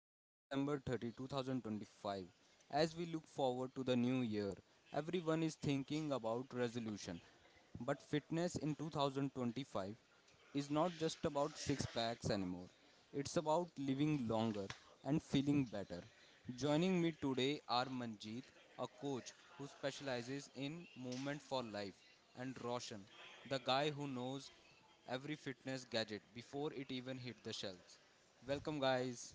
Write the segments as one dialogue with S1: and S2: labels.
S1: It is December 30, 2025. As we look forward to the new year, everyone is thinking about resolution. But fitness in 2025 is not just about six packs anymore. It's about living longer and feeling better. Joining me today are Manjeet, a coach who specializes in movement for life, and Roshan, the guy who knows every fitness gadget before it even hit the shelves. Welcome, guys.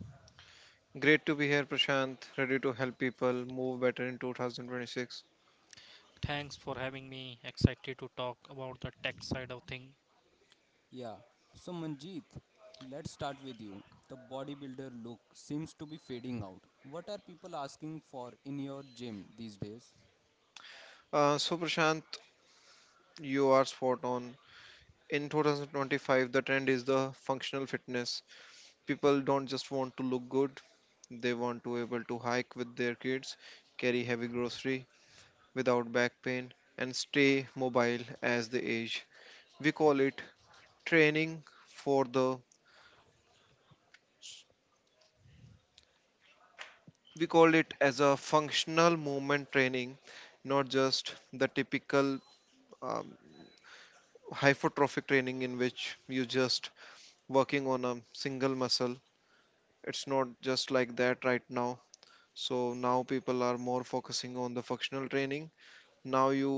S2: Great to be here, Prashant. Ready to help people move better in 2026.
S3: Thanks for having me. Excited to talk about the tech side of things.
S1: Yeah, so Manjeet, let's start with you. The bodybuilder look seems to be fading out. What are people asking for in your gym these days?
S2: Prashant, you are spot on. In 2025, the trend is the functional fitness. People don't just want to look good; they want to able to hike with their kids, carry heavy grocery without back pain, and stay mobile as they age. We call it training for the. We call it as a functional movement training, not just the typical. um, hypertrophic training in which you just working on a single muscle. It's not just like that right now, so now people are more focusing on the functional training. Now you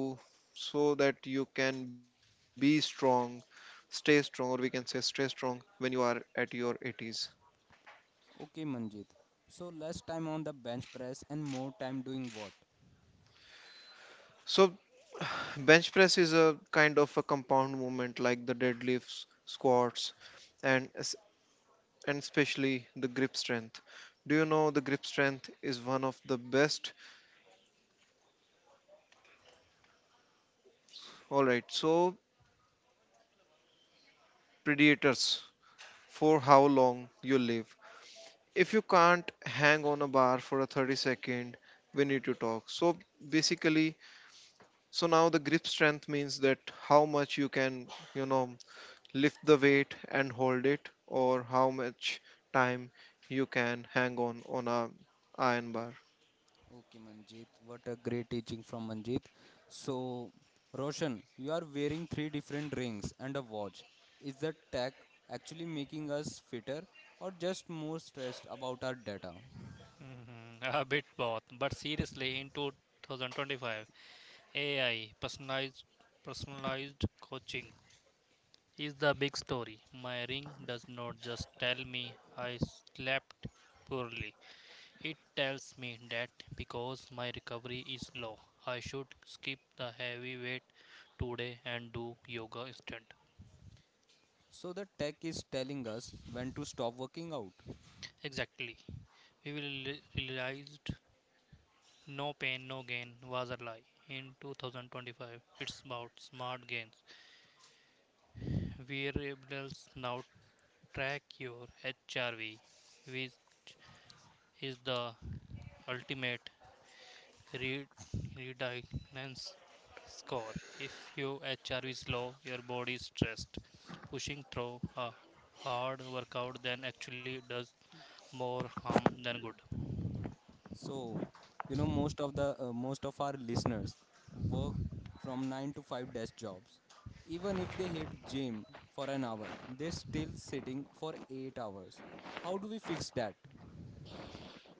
S2: So that you can be strong, stay strong or we can say stay strong when you are at your 80s.
S1: Okay, Manjeet, so less time on the bench press and more time doing what?
S2: So bench press is a kind of a compound movement like the deadlifts, squats, and es- and especially the grip strength. Do you know the grip strength is one of the best, all right, so, predators for how long you live. If you can't hang on a bar for a 30 second, we need to talk. So basically, so now the grip strength means that how much you can, you know, lift the weight and hold it, or how much time you can hang on a iron bar.
S1: Okay, Manjit, what a great teaching from Manjit. So, Roshan, you are wearing three different rings and a watch. Is the tech actually making us fitter or just more stressed about our data?
S3: Mhm. A bit both, but seriously, in 2025, AI, personalized coaching is the big story. My ring does not just tell me I slept poorly, it tells me that because my recovery is low, I should skip the heavy weight today and do yoga instead.
S1: So, the tech is telling us when to stop working out.
S3: Exactly. We will realized no pain, no gain was a lie. In 2025, it's about smart gains. Variables now track your HRV, which is the ultimate re- redundancy score. If your HRV is low, your body is stressed. Pushing through a hard workout then actually does more harm than good.
S1: So, you know, most of our listeners work from 9 to 5 desk jobs. Even if they hit gym for an hour, they're still sitting for 8 hours. How do we fix that?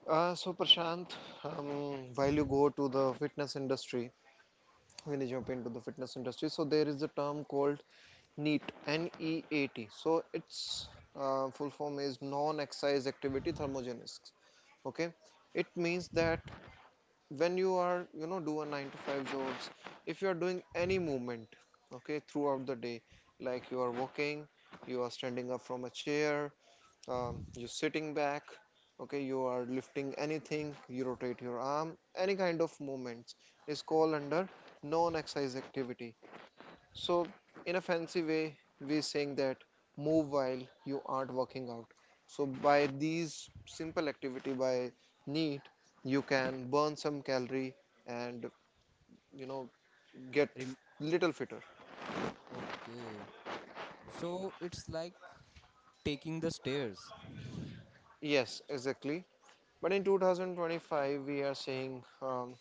S2: So Prashant, while you go to the fitness industry, when you jump into the fitness industry, so there is a term called NEAT, N-E-A-T. So its full form is non-exercise activity thermogenesis. Okay, it means that when you are do a nine to five jobs, if you are doing any movement, okay, throughout the day, like you are walking, you are standing up from a chair, you're sitting back, okay, you are lifting anything, you rotate your arm, any kind of movements is called under non-exercise activity. So, in a fancy way, we're saying that move while you aren't working out. So, by these simple activity, by neat, you can burn some calorie and you know get little fitter.
S1: Okay, so it's like taking the stairs.
S2: Yes, exactly. But in 2025, we are saying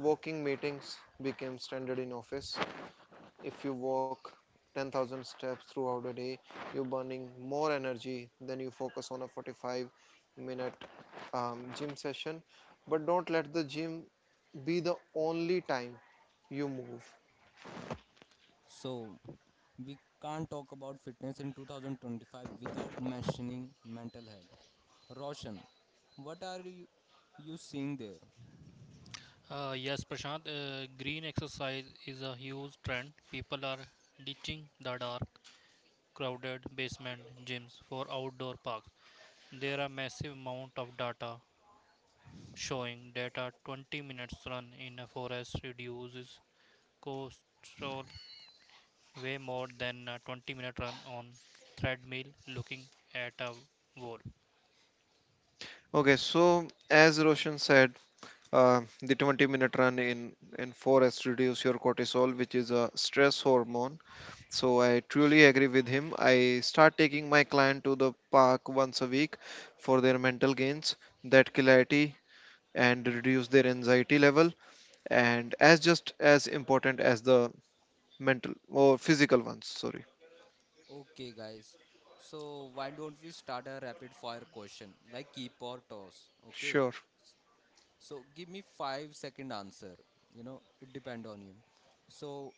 S2: walking meetings became standard in office. If you walk 10,000 steps throughout a day, you're burning more energy than you focus on a 45 minute gym session, but don't let the gym be the only time you move.
S1: So we can't talk about fitness in 2025 without mentioning mental health. Roshan, what are you seeing there?
S3: Yes, Prashant, green exercise is a huge trend. People are ditching the dark crowded basement gyms for outdoor parks. There are massive amount of data showing that a 20 minutes run in a forest reduces cholesterol way more than a 20-minute run on treadmill looking at a wall.
S2: Okay, so as Roshan said, the 20-minute run in forest reduce your cortisol, which is a stress hormone. So I truly agree with him. I start taking my client to the park once a week for their mental gains, that clarity, and reduce their anxiety level, and as just as important as the mental or physical ones. Sorry.
S1: Okay, guys. So why don't we start a rapid fire question like keep or toss? Okay.
S2: Sure.
S1: So give me 5 second answer. It depend on you. So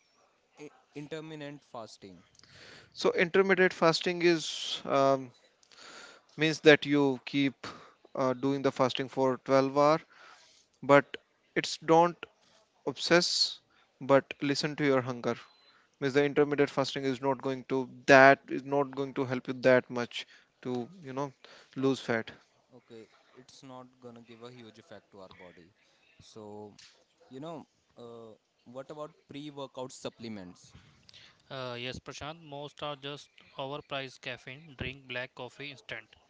S1: i- intermittent fasting.
S2: So intermittent fasting is, means that you keep doing the fasting for 12 hour, but it's don't obsess, but listen to your hunger. Means the intermittent fasting is not going to that is not going to help you that much to lose fat.
S1: Okay, it's not gonna give a huge effect to our body. So, you know, uh, what about pre workout supplements?
S3: Yes, Prashant, most are just overpriced caffeine. Drink black coffee instant.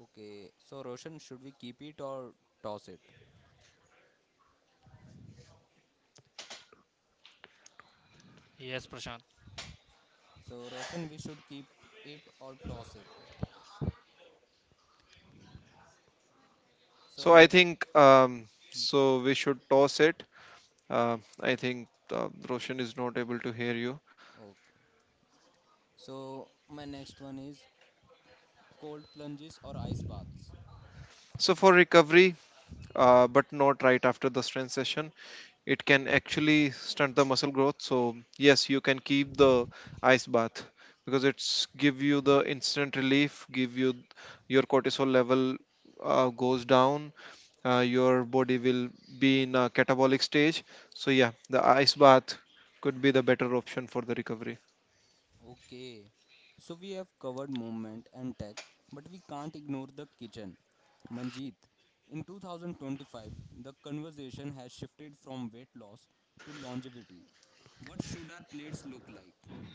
S1: Okay, so Roshan, should we keep it or toss it?
S3: Yes, Prashant.
S1: So, Roshan, we should keep it or toss it. So,
S2: So I
S1: let
S2: think, so we should toss it. I think Roshan is not able to hear you.
S1: okay. So, my next one is cold plunges or ice baths.
S2: So for recovery, but not right after the strength session. It can actually stunt the muscle growth. So yes, you can keep the ice bath, because it's give you the instant relief, give you your cortisol level goes down, your body will be in a catabolic stage. So yeah, the ice bath could be the better option for the recovery.
S1: Okay, so we have covered movement and tech, but we can't ignore the kitchen. Manjeet, in 2025, the conversation has shifted from weight loss to longevity. What should our plates look like?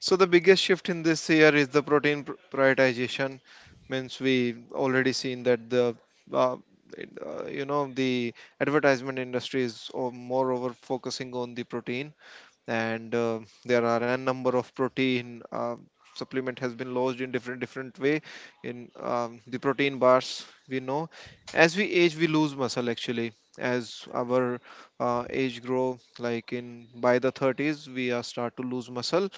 S2: So the biggest shift in this year is the protein prioritization. Means we already seen that uh, the advertisement industry is moreover focusing on the protein, and there are a number of protein supplement has been launched in different different way in, the protein bars. We know as we age we lose muscle, actually as our age grow, like in by the 30s we are start to lose muscle.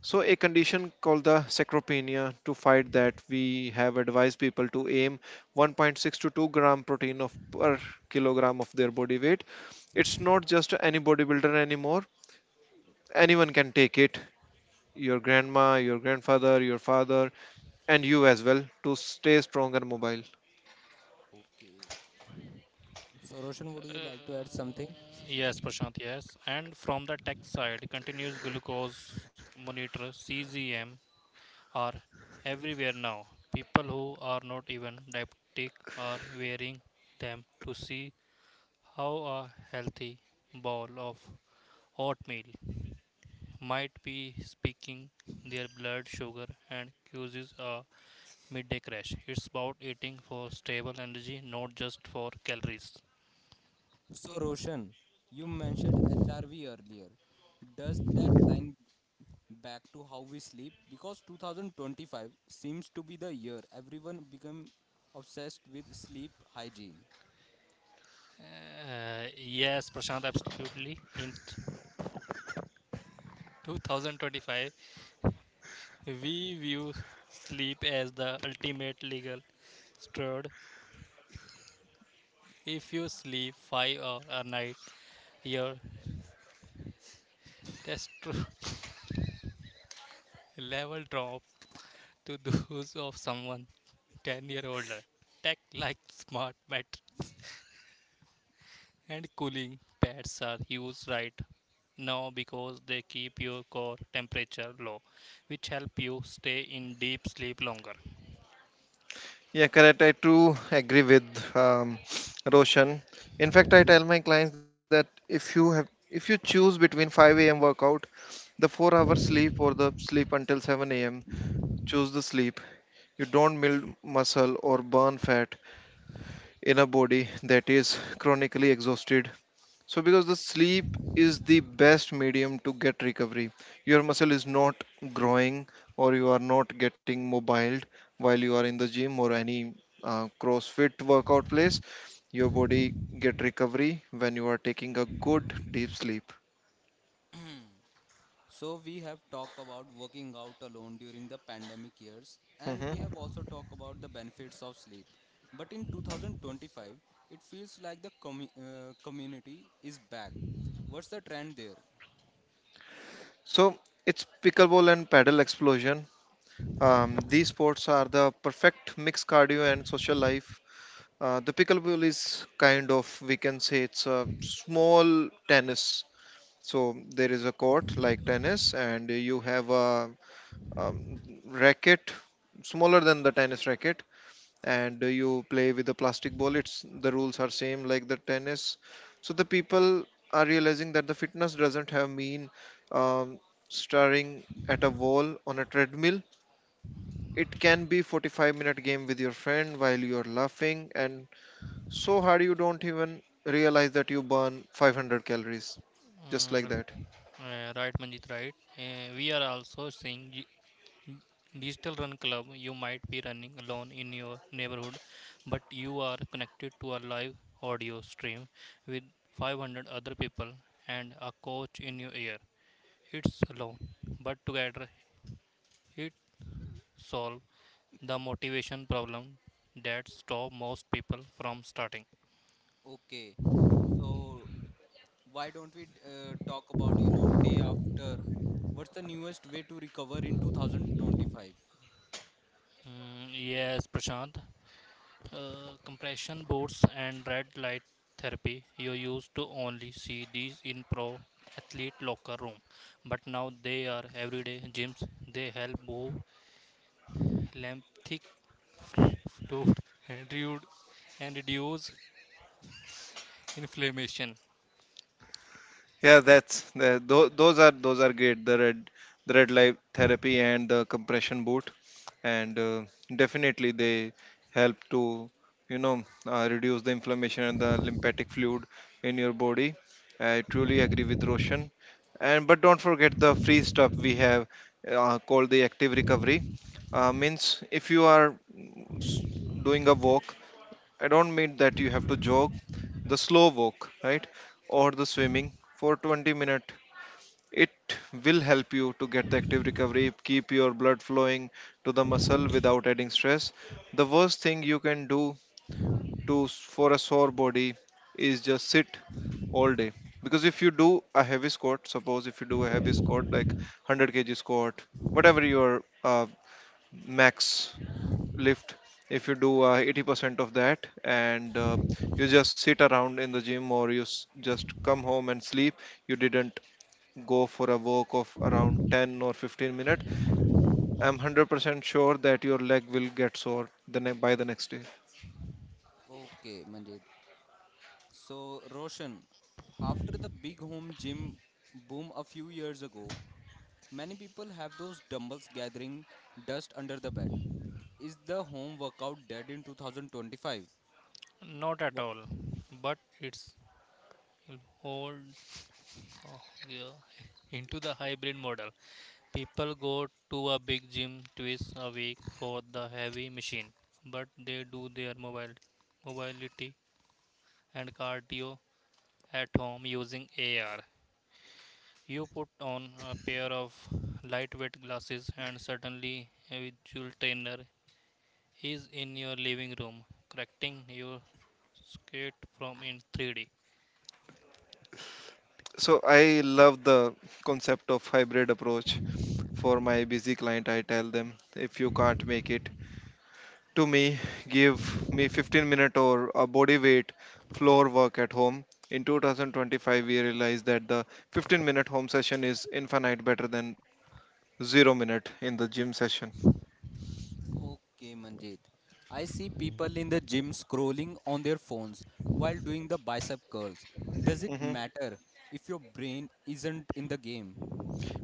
S2: So, a condition called the sarcopenia, to fight that we have advised people to aim 1.6 to 2 gram protein of per kilogram of their body weight. It's not just any bodybuilder anymore. Anyone can take it. Your grandma, your grandfather, your father, and you as well, to stay strong and mobile.
S1: Okay, so Roshan, would you like to add something?
S3: Yes, Prashant. Yes. And from the tech side, continuous glucose monitor (CGM) are everywhere now. People who are not even diabetic are wearing them to see how a healthy bowl of oatmeal might be speaking their blood sugar and causes a midday crash. It's about eating for stable energy, not just for calories.
S1: So, Roshan, you mentioned HRV earlier. Does that line back to how we sleep? Because 2025 seems to be the year everyone become obsessed with sleep hygiene.
S3: Yes, Prashant, absolutely. 2025, we view sleep as the ultimate legal standard. If you sleep 5 hours a night, your testosterone level drop to those of someone 10-year older. Tech like smart mattress and cooling pads are used right now because they keep your core temperature low, which help you stay in deep sleep longer.
S2: Yeah, correct. I too agree with, Roshan. In fact, I tell my clients that if you choose between 5 a.m. workout, the 4 hour sleep, or the sleep until 7 a.m., choose the sleep. You don't build muscle or burn fat in a body that is chronically exhausted. So, because the sleep is the best medium to get recovery, your muscle is not growing or you are not getting mobile while you are in the gym or any CrossFit workout place. Your body get recovery when you are taking a good deep sleep.
S1: So, we have talked about working out alone during the pandemic years, and we
S2: Mhm.
S1: have also talked about the benefits of sleep. But in 2025, it feels like the community is back. What's the trend there?
S2: So, it's pickleball and paddle explosion. These sports are the perfect mix cardio and social life. The pickleball is kind of, we can say, it's a small tennis. So there is a court like tennis, and you have a, um, racket smaller than the tennis racket, and you play with a plastic ball. It's the rules are same like the tennis. So the people are realizing that the fitness doesn't have mean, um, staring at a wall on a treadmill. It can be 45-minute game with your friend while you are laughing and so hard you don't even realize that you burn 500 calories, just like
S3: Mm.
S2: that.
S3: Right, Manjit, right. We are also seeing Digital Run Club, you might be running alone in your neighborhood, but you are connected to a live audio stream with 500 other people and a coach in your ear. It's alone, but together it solves the motivation problem that stops most people from starting.
S1: Okay, so why don't we talk about, day after? What's the newest way to recover in 2025?
S3: Mm, yes, Prashant. Compression boots and red light therapy you used to only see these in pro athlete locker room, but now they are everyday gyms. They help move lymphatic fluid and, reud- and reduce inflammation.
S2: Yeah, those are great. The red light therapy and the compression boot, and definitely they help to reduce the inflammation and the lymphatic fluid in your body. I truly agree with Roshan. And but don't forget the free stuff we have, called the active recovery. Means if you are s- doing a walk, I don't mean that you have to jog, the slow walk, right? Or the swimming for 20 minutes. It will help you to get the active recovery, keep your blood flowing to the muscle without adding stress. The worst thing you can do to for a sore body is just sit all day. Because if you do a heavy squat, suppose if you do a heavy squat like 100 kg squat, whatever your max lift, if you do 80% of that, and you just sit around in the gym or you just come home and sleep, you didn't go for a walk of around 10 or 15 minutes, I'm 100% sure that your leg will get sore by the next day.
S1: Okay, Manjit. So, Roshan, after the big home gym boom a few years ago, many people have those dumbbells gathering dust under the bed. Is the home workout dead in 2025?
S3: Not at all, but it's hold, uh, yeah, into the hybrid model. People go to a big gym twice a week for the heavy machine, but they do their mobile mobility and cardio at home using AR. You put on a pair of lightweight glasses and suddenly a visual trainer is in your living room correcting your skate from in 3D.
S2: So I love the concept of hybrid approach. For my busy client, I tell them if you can't make it to me, give me 15 minute or a body weight floor work at home. In 2025 we realized that the 15-minute home session is infinite better than 0 minute in the gym session.
S1: Okay, Manjit. I see people in the gym scrolling on their phones while doing the bicep curls. Does it
S2: Hmm.
S1: matter if your brain isn't in the game?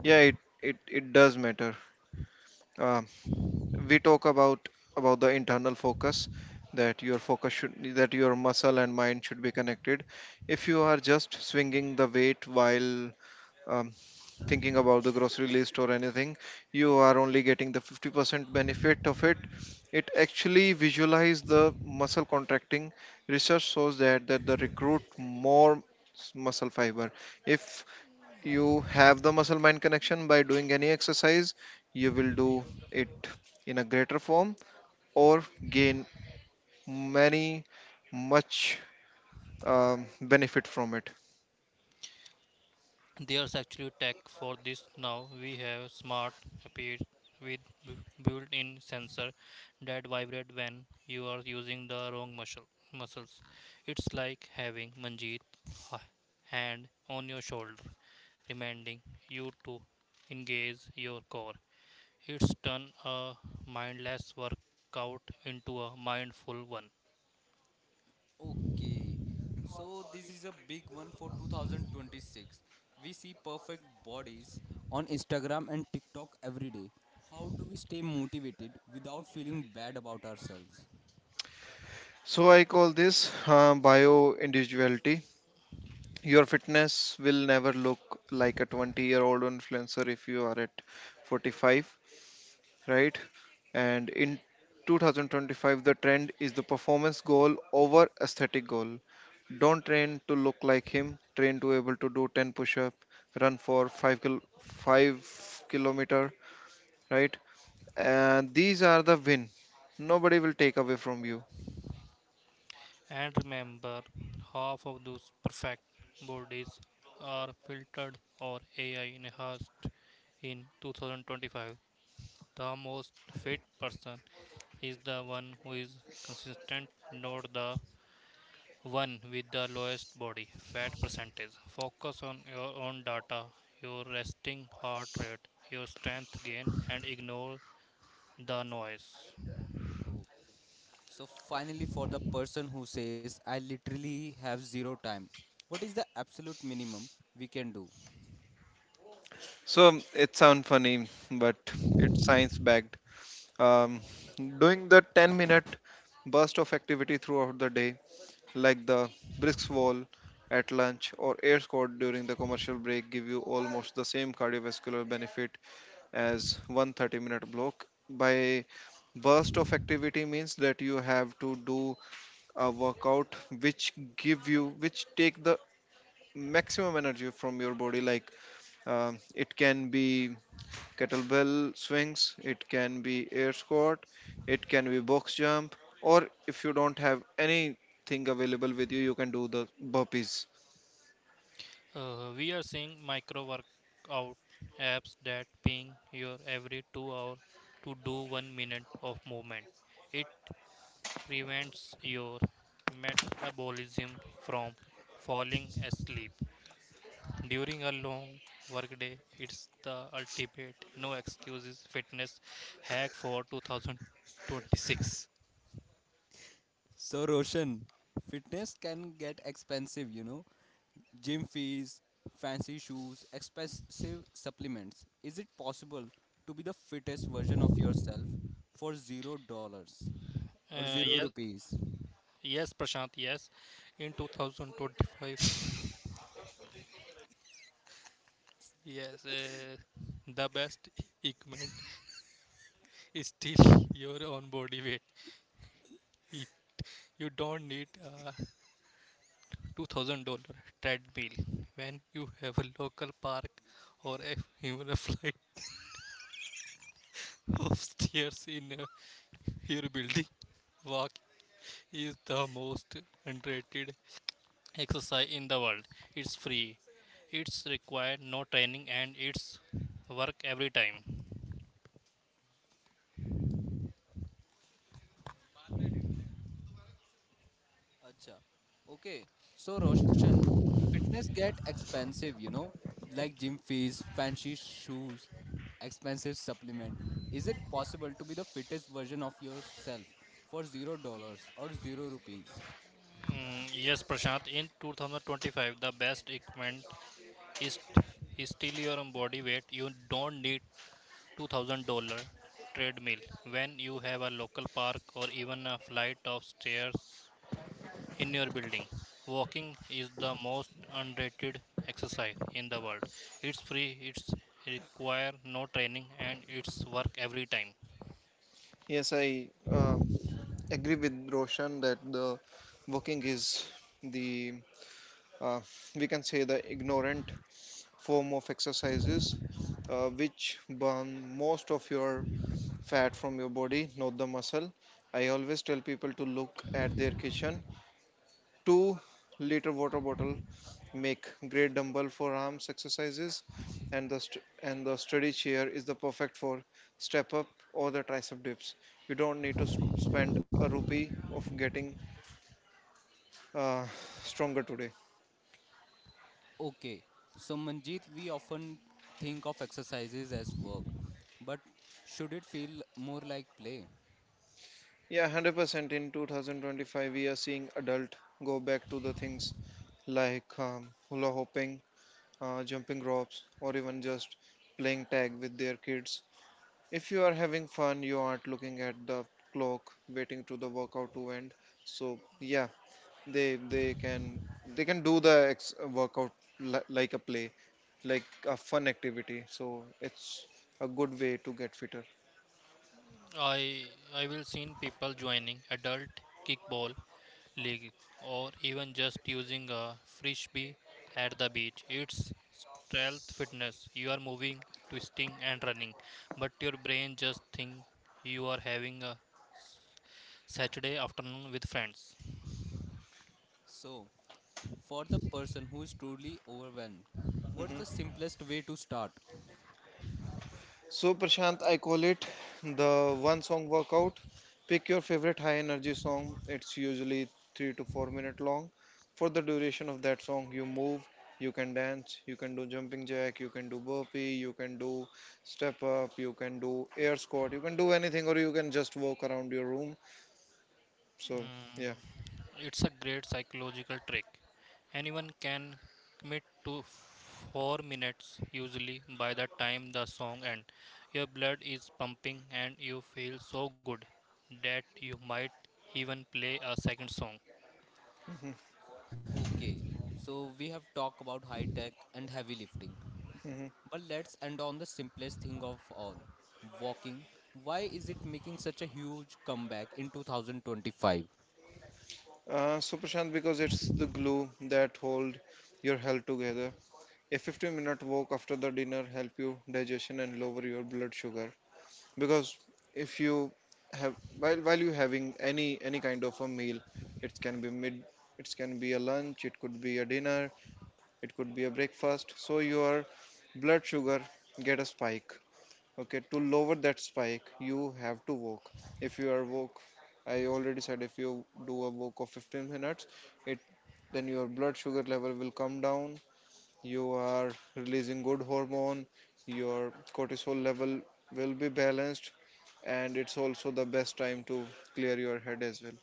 S2: yeah it, it does matter. uh, we talk about the internal focus, that your focus should, that your muscle and mind should be connected. If you are just swinging the weight while, um, thinking about the grocery list or anything, you are only getting the 50% benefit of it. It actually visualize the muscle contracting. Research shows that the recruit more muscle fiber. If you have the muscle mind connection by doing any exercise, you will do it in a greater form or gain many much benefit from it.
S3: There's actually tech for this now. We have smart appears with built-in sensor that vibrate when you are using the wrong muscles. It's like having Manjeet h- hand on your shoulder reminding you to engage your core. It's turn a mindless workout into a mindful one.
S1: Okay, so this is a big one for 2026. We see perfect bodies on Instagram and TikTok every day. How do we stay motivated without feeling bad about ourselves?
S2: So I call this, bio individuality. Your fitness will never look like a 20-year-old influencer if you are at 45, right? And in 2025, the trend is the performance goal over aesthetic goal. Don't train to look like him, train to able to do 10 push up, run for 5-kilometer, right? And these are the win. Nobody will take away from you.
S3: And remember, half of those perfect bodies are filtered or AI enhanced in 2025. The most fit person is the one who is consistent, not the one with the lowest body fat percentage. Focus on your own data, your resting heart rate, your strength gain, and ignore the noise.
S1: Okay. So, finally, for the person who says, I literally have zero time, what is the absolute minimum we can do?
S2: So, it sounds funny, but it's science backed. um, Doing the 10-minute burst of activity throughout the day, like the brisk wall at lunch or air squat during the commercial break, give you almost the same cardiovascular benefit as one 30-minute block. By burst of activity means that you have to do a workout which give you, which take the maximum energy from your body, like, it can be kettlebell swings, it can be air squat, it can be box jump, or if you don't have anything available with you, you can do the burpees.
S3: We are seeing micro workout apps that ping your every 2 hours to do 1 minute of movement. It prevents your metabolism from falling asleep. During a long workday, it's the ultimate no excuses fitness hack for 2026.
S1: So, Roshan, fitness can get expensive, gym fees, fancy shoes, expensive supplements. Is it possible to be the fittest version of yourself for $0 or zero
S3: Yes,
S1: rupees?
S3: yes, Prashant, yes. In 2025, yes, the best equipment is still your own body weight. You you don't need a $2,000 treadmill when you have a local park or, even a flight of stairs in, your building. Walk is the most underrated exercise in the world. It's free, it's required no training, and it's work every time.
S1: Acha. Okay. So Roshan, fitness get expensive, like gym fees, fancy shoes, expensive supplement. Is it possible to be the fittest version of yourself for $0 or zero rupees?
S3: Mm, yes, Prashant, in 2025, the best equipment is, is still your own body weight. You don't need $2,000 treadmill when you have a local park or even a flight of stairs in your building. Walking is the most underrated exercise in the world. It's free, it's require no training and it's work every time.
S2: Yes, I um agree with Roshan that the walking is the, uh, we can say the ignorant form of exercises, which burn most of your fat from your body, not the muscle. I always tell people to look at their kitchen. 2 liter water bottle make great dumbbell for arms exercises and and the steady chair is the perfect for step up or the tricep dips. You don't need to spend a rupee of getting uh, stronger today.
S1: Okay. So Manjeet, we often think of exercises as work, but should it feel more like play?
S2: Yeah, 100% in 2025 we are seeing adult go back to the things like hula hooping, jumping ropes, or even just playing tag with their kids. If you are having fun, you aren't looking at the clock waiting to the workout to end. So yeah, they can they can do the workout like a play, like a fun activity, so it's a good way to get fitter.
S3: I I will seen people joining adult kickball league, or even just using a frisbee at the beach. It's stealth fitness. You are moving, twisting, and running, but your brain just think you are having a Saturday afternoon with friends.
S1: So, for the person who is truly overwhelmed, what's
S2: Hmm.
S1: the simplest way to start?
S2: So Prashant, I call it the one song workout. Pick your favorite high energy song, it's usually 3 to 4 minute long. For the duration of that song you move, you can dance, you can do jumping jack, you can do burpee, you can do step up, you can do air squat, you can do anything, or you can just walk around your room. So
S3: Mm.
S2: yeah.
S3: It's a great psychological trick. Anyone can commit to 4 minutes, usually by the time the song ends. Your blood is pumping and you feel so good that you might even play a second song.
S1: Okay, so we have talked about high tech and heavy lifting,
S2: Mhm.
S1: but let's end on the simplest thing of all walking. Why is it making such a huge comeback in 2025?
S2: So Prashant, because it's the glue that hold your health together. A 15-minute walk after the dinner help you digestion and lower your blood sugar. Because if you have while you having any kind of a meal, it can be mid, it can be a lunch, it could be a dinner, it could be a breakfast. So your blood sugar get a spike. Okay, to lower that spike, you have to walk. If you are walk, I already said, if you do a walk of 15 minutes, it then your blood sugar level will come down. You are releasing good hormone. Your cortisol level will be balanced, and it's also the best time to clear your head as well.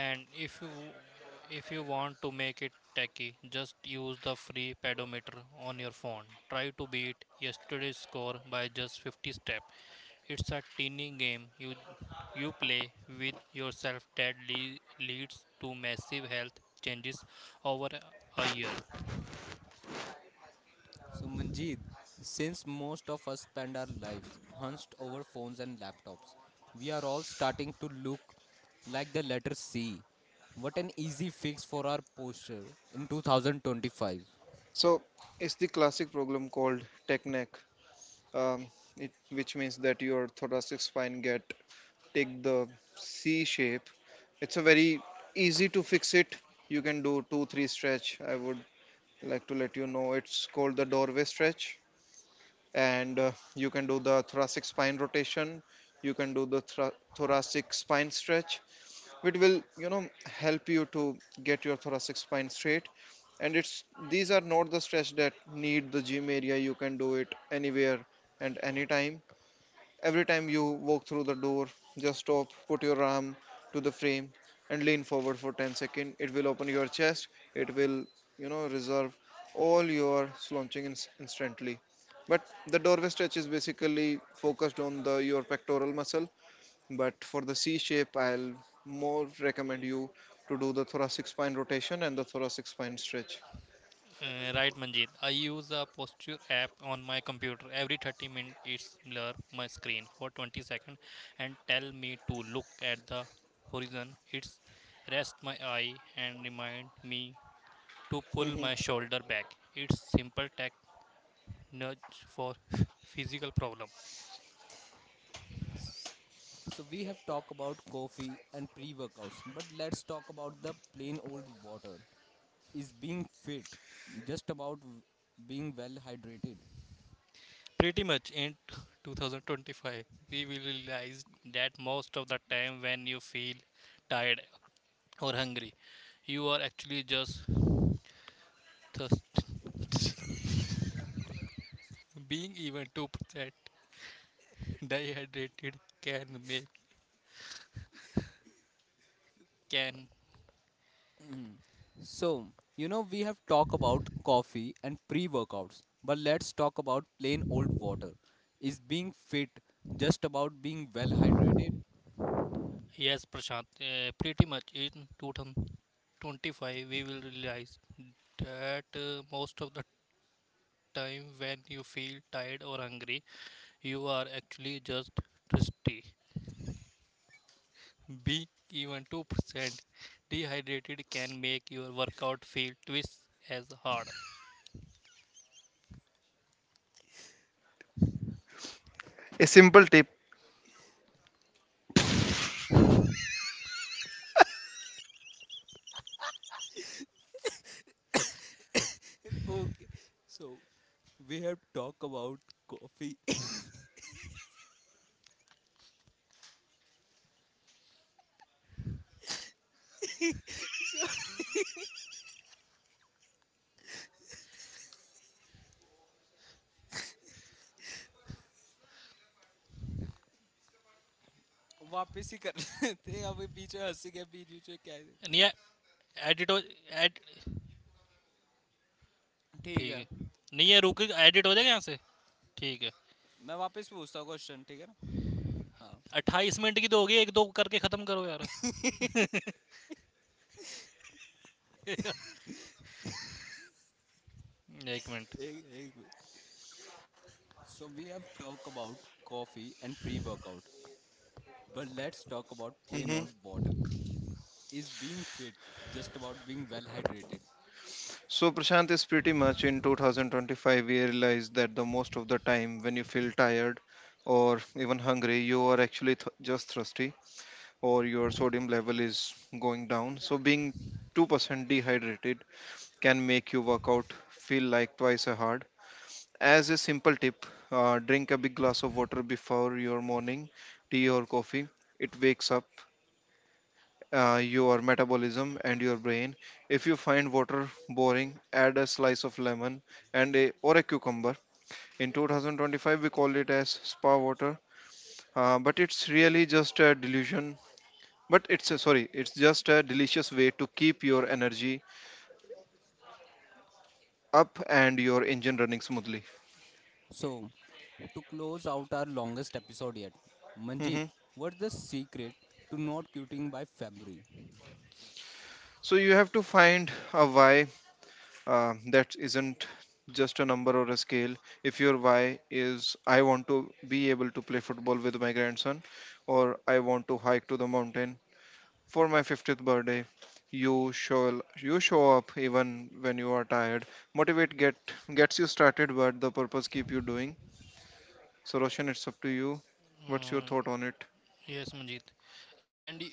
S3: And if you want to make it tacky, just use the free pedometer on your phone. Try to beat yesterday's score by just 50 steps. It's a tiny game you play with yourself that leads to massive health changes over a year.
S1: So, Manjeet, since most of us spend our lives hunched over phones and laptops, we are all starting to look like the letter C. What an easy fix for our posture in 2025.
S2: So it's the classic problem called tech neck, um, it, which means that your thoracic spine get take the C shape. It's a very easy to fix it. You can do two, three stretch. I would like to let you know it's called the doorway stretch. And you can do the thoracic spine rotation. You can do the thoracic spine stretch, which will, you know, help you to get your thoracic spine straight. And it's these are not the stretch that need the gym area. You can do it anywhere and anytime. Every time you walk through the door, just stop, put your arm to the frame, and lean forward for 10 seconds. It will open your chest, it will, you know, reserve all your slouching instantly. But the doorway stretch is basically focused on the your pectoral muscle. But for the C shape, I'll more recommend you to do the thoracic spine rotation and the thoracic spine stretch.
S3: Right, Manjit. I use a posture app on my computer. Every 30 minutes, it's blur my screen for 20 seconds and tell me to look at the horizon. It's rest my eye and remind me to pull
S2: Hmm.
S3: my shoulder back. It's simple tech nudge for physical problem.
S1: So we have talked about coffee and pre-workouts, but let's talk about the plain old water. Is being fit just about being well hydrated?
S3: Pretty much in 2025, we will realize that most of the time when you feel tired or hungry, you are actually just thirsty. Being even 2% dehydrated can make can
S1: So, we have talked about coffee and pre-workouts, but let's talk about plain old water. Is being fit just about being well hydrated?
S3: Yes, Prashant, pretty much in 2025 we will realize that, most of the time when you feel tired or hungry you are actually just thirsty. Be even two percent dehydrated can make your workout feel twice as hard.
S2: A simple tip.
S1: Okay. So, we have talked about coffee वापस ही कर रहे थे अभी बीच में हंसी के बीच बीच में क्या है
S3: नहीं है, एडिट हो, एड.
S1: ठीक
S3: ठीक
S1: है
S3: है. नहीं है, रुक एडिट हो जाए कहाँ से. ठीक है.
S1: मैं वापस पूछता हूँ क्वेश्चन ठीक है ना हाँ
S3: अठाईस मिनट की तो होगी, एक दो करके खत्म करो यार. एक मिनट.
S1: एक एक minute so we have talk about coffee and pre workout but let's talk about plain
S2: Hmm.
S1: और water is being fit just about being well hydrated
S2: So, Prashant is pretty much in 2025, we realize that the most of the time when you feel tired or even hungry, you are actually just thirsty or your sodium level is going down. So, being 2% dehydrated can make you work out feel like twice as hard. As a simple tip, drink a big glass of water before your morning tea or coffee. It wakes up your metabolism and your brain. If you find water boring, add a slice of lemon and a or a cucumber. In 2025, we call it as spa water, but it's really just a delusion. But it's a, sorry, it's just a delicious way to keep your energy up and your engine running smoothly.
S1: So to close out our longest episode yet Manjeet
S2: Mhm.
S1: What the secret to not quitting by February
S2: So you have to find a why that isn't just a number or a scale. If your why is I want to be able to play football with my grandson, or I want to hike to the mountain for my 50th birthday, you show up even when you are tired. Motivate get gets you started, but the purpose keep you doing. So Roshan, it's up to you. What's your thought
S3: hmm.
S2: on it?
S3: Yes Manjit and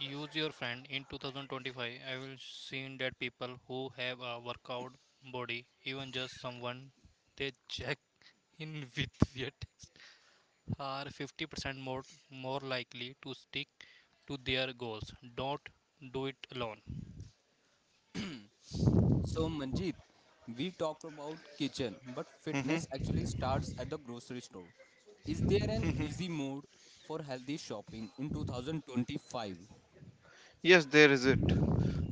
S3: use your friend in 2025 I will seen that people who have a workout बॉ are 50% more likely to stick to their goals. Don't do it alone.
S1: So, Manjeet, we talk about kitchen, but
S2: Hmm.
S1: fitness actually starts at the grocery store. Is there an
S2: Hmm.
S1: easy mode for healthy shopping in 2025?
S2: Yes there is it,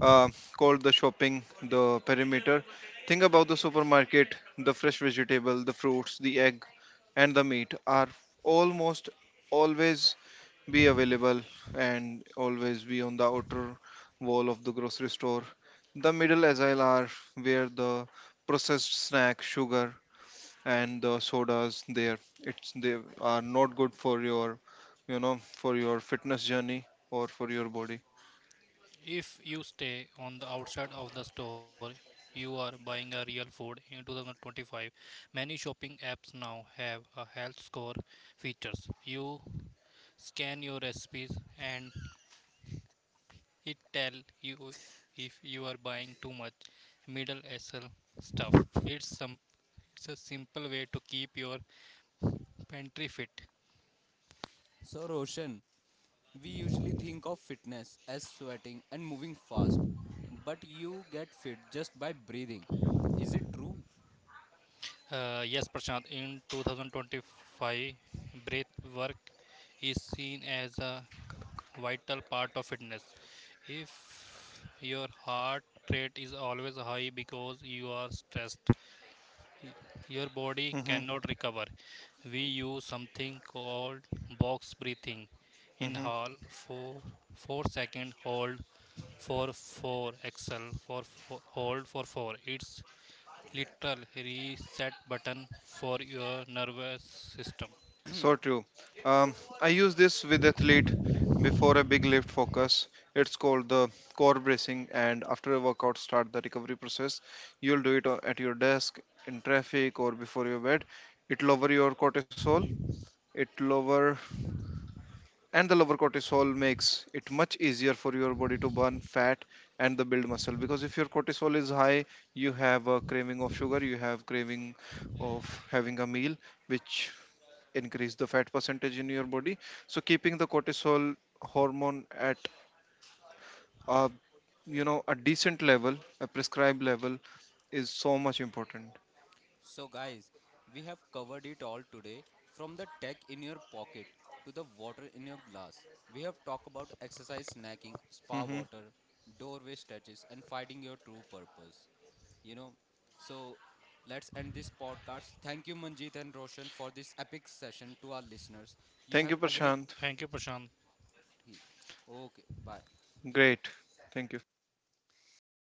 S2: uh, called the shopping, the perimeter. Think about the supermarket, the fresh vegetable, the fruits, the egg, and the meat are almost always be available and always be on the outer wall of the grocery store. The middle aisle are where the processed snack, sugar, and the sodas there. It's they are not good for your, you know, for your fitness journey or for your body.
S3: If you stay on the outside of the store, you are buying a real food. In 2025, many shopping apps now have a health score features. You scan your recipes and it tell you if you are buying too much middle SL stuff. It's a simple way to keep your pantry fit.
S1: So, Roshan, we usually think of fitness as sweating and moving fast, but you get fit just by breathing. Is it true?
S3: Yes, Prashant. In 2025, breath work is seen as a vital part of fitness. If your heart rate is always high because you are stressed, y- your body
S2: Hmm.
S3: cannot recover. We use something called box breathing.
S2: Hmm.
S3: Inhale for 4 seconds. Hold for 4, exhale for four, hold for 4. It's literal reset button for your nervous system.
S2: So true. Um, I use this with athlete before a big lift focus. It's called the core bracing, and after a workout, start the recovery process. You'll do it at your desk, in traffic, or before your bed. It lower your cortisol. It lower, and the lower cortisol makes it much easier for your body to burn fat and the build muscle. Because if your cortisol is high, you have a craving of sugar, you have craving of having a meal which increase the fat percentage in your body. So keeping the cortisol hormone at a, you know, a decent level, a prescribed level, is so much important.
S1: So, guys, we have covered it all today from the tech in your pocket to the water in your glass. We have talked about exercise snacking, spa
S2: Hmm.
S1: water, doorway stretches, and finding your true purpose. You know, so let's end this podcast. Thank you, Manjeet and Roshan, for this epic session to our listeners. You
S2: Thank you
S1: have every.
S2: Prashant.
S3: Thank you, Prashant.
S1: Okay, bye.
S2: Great, thank you.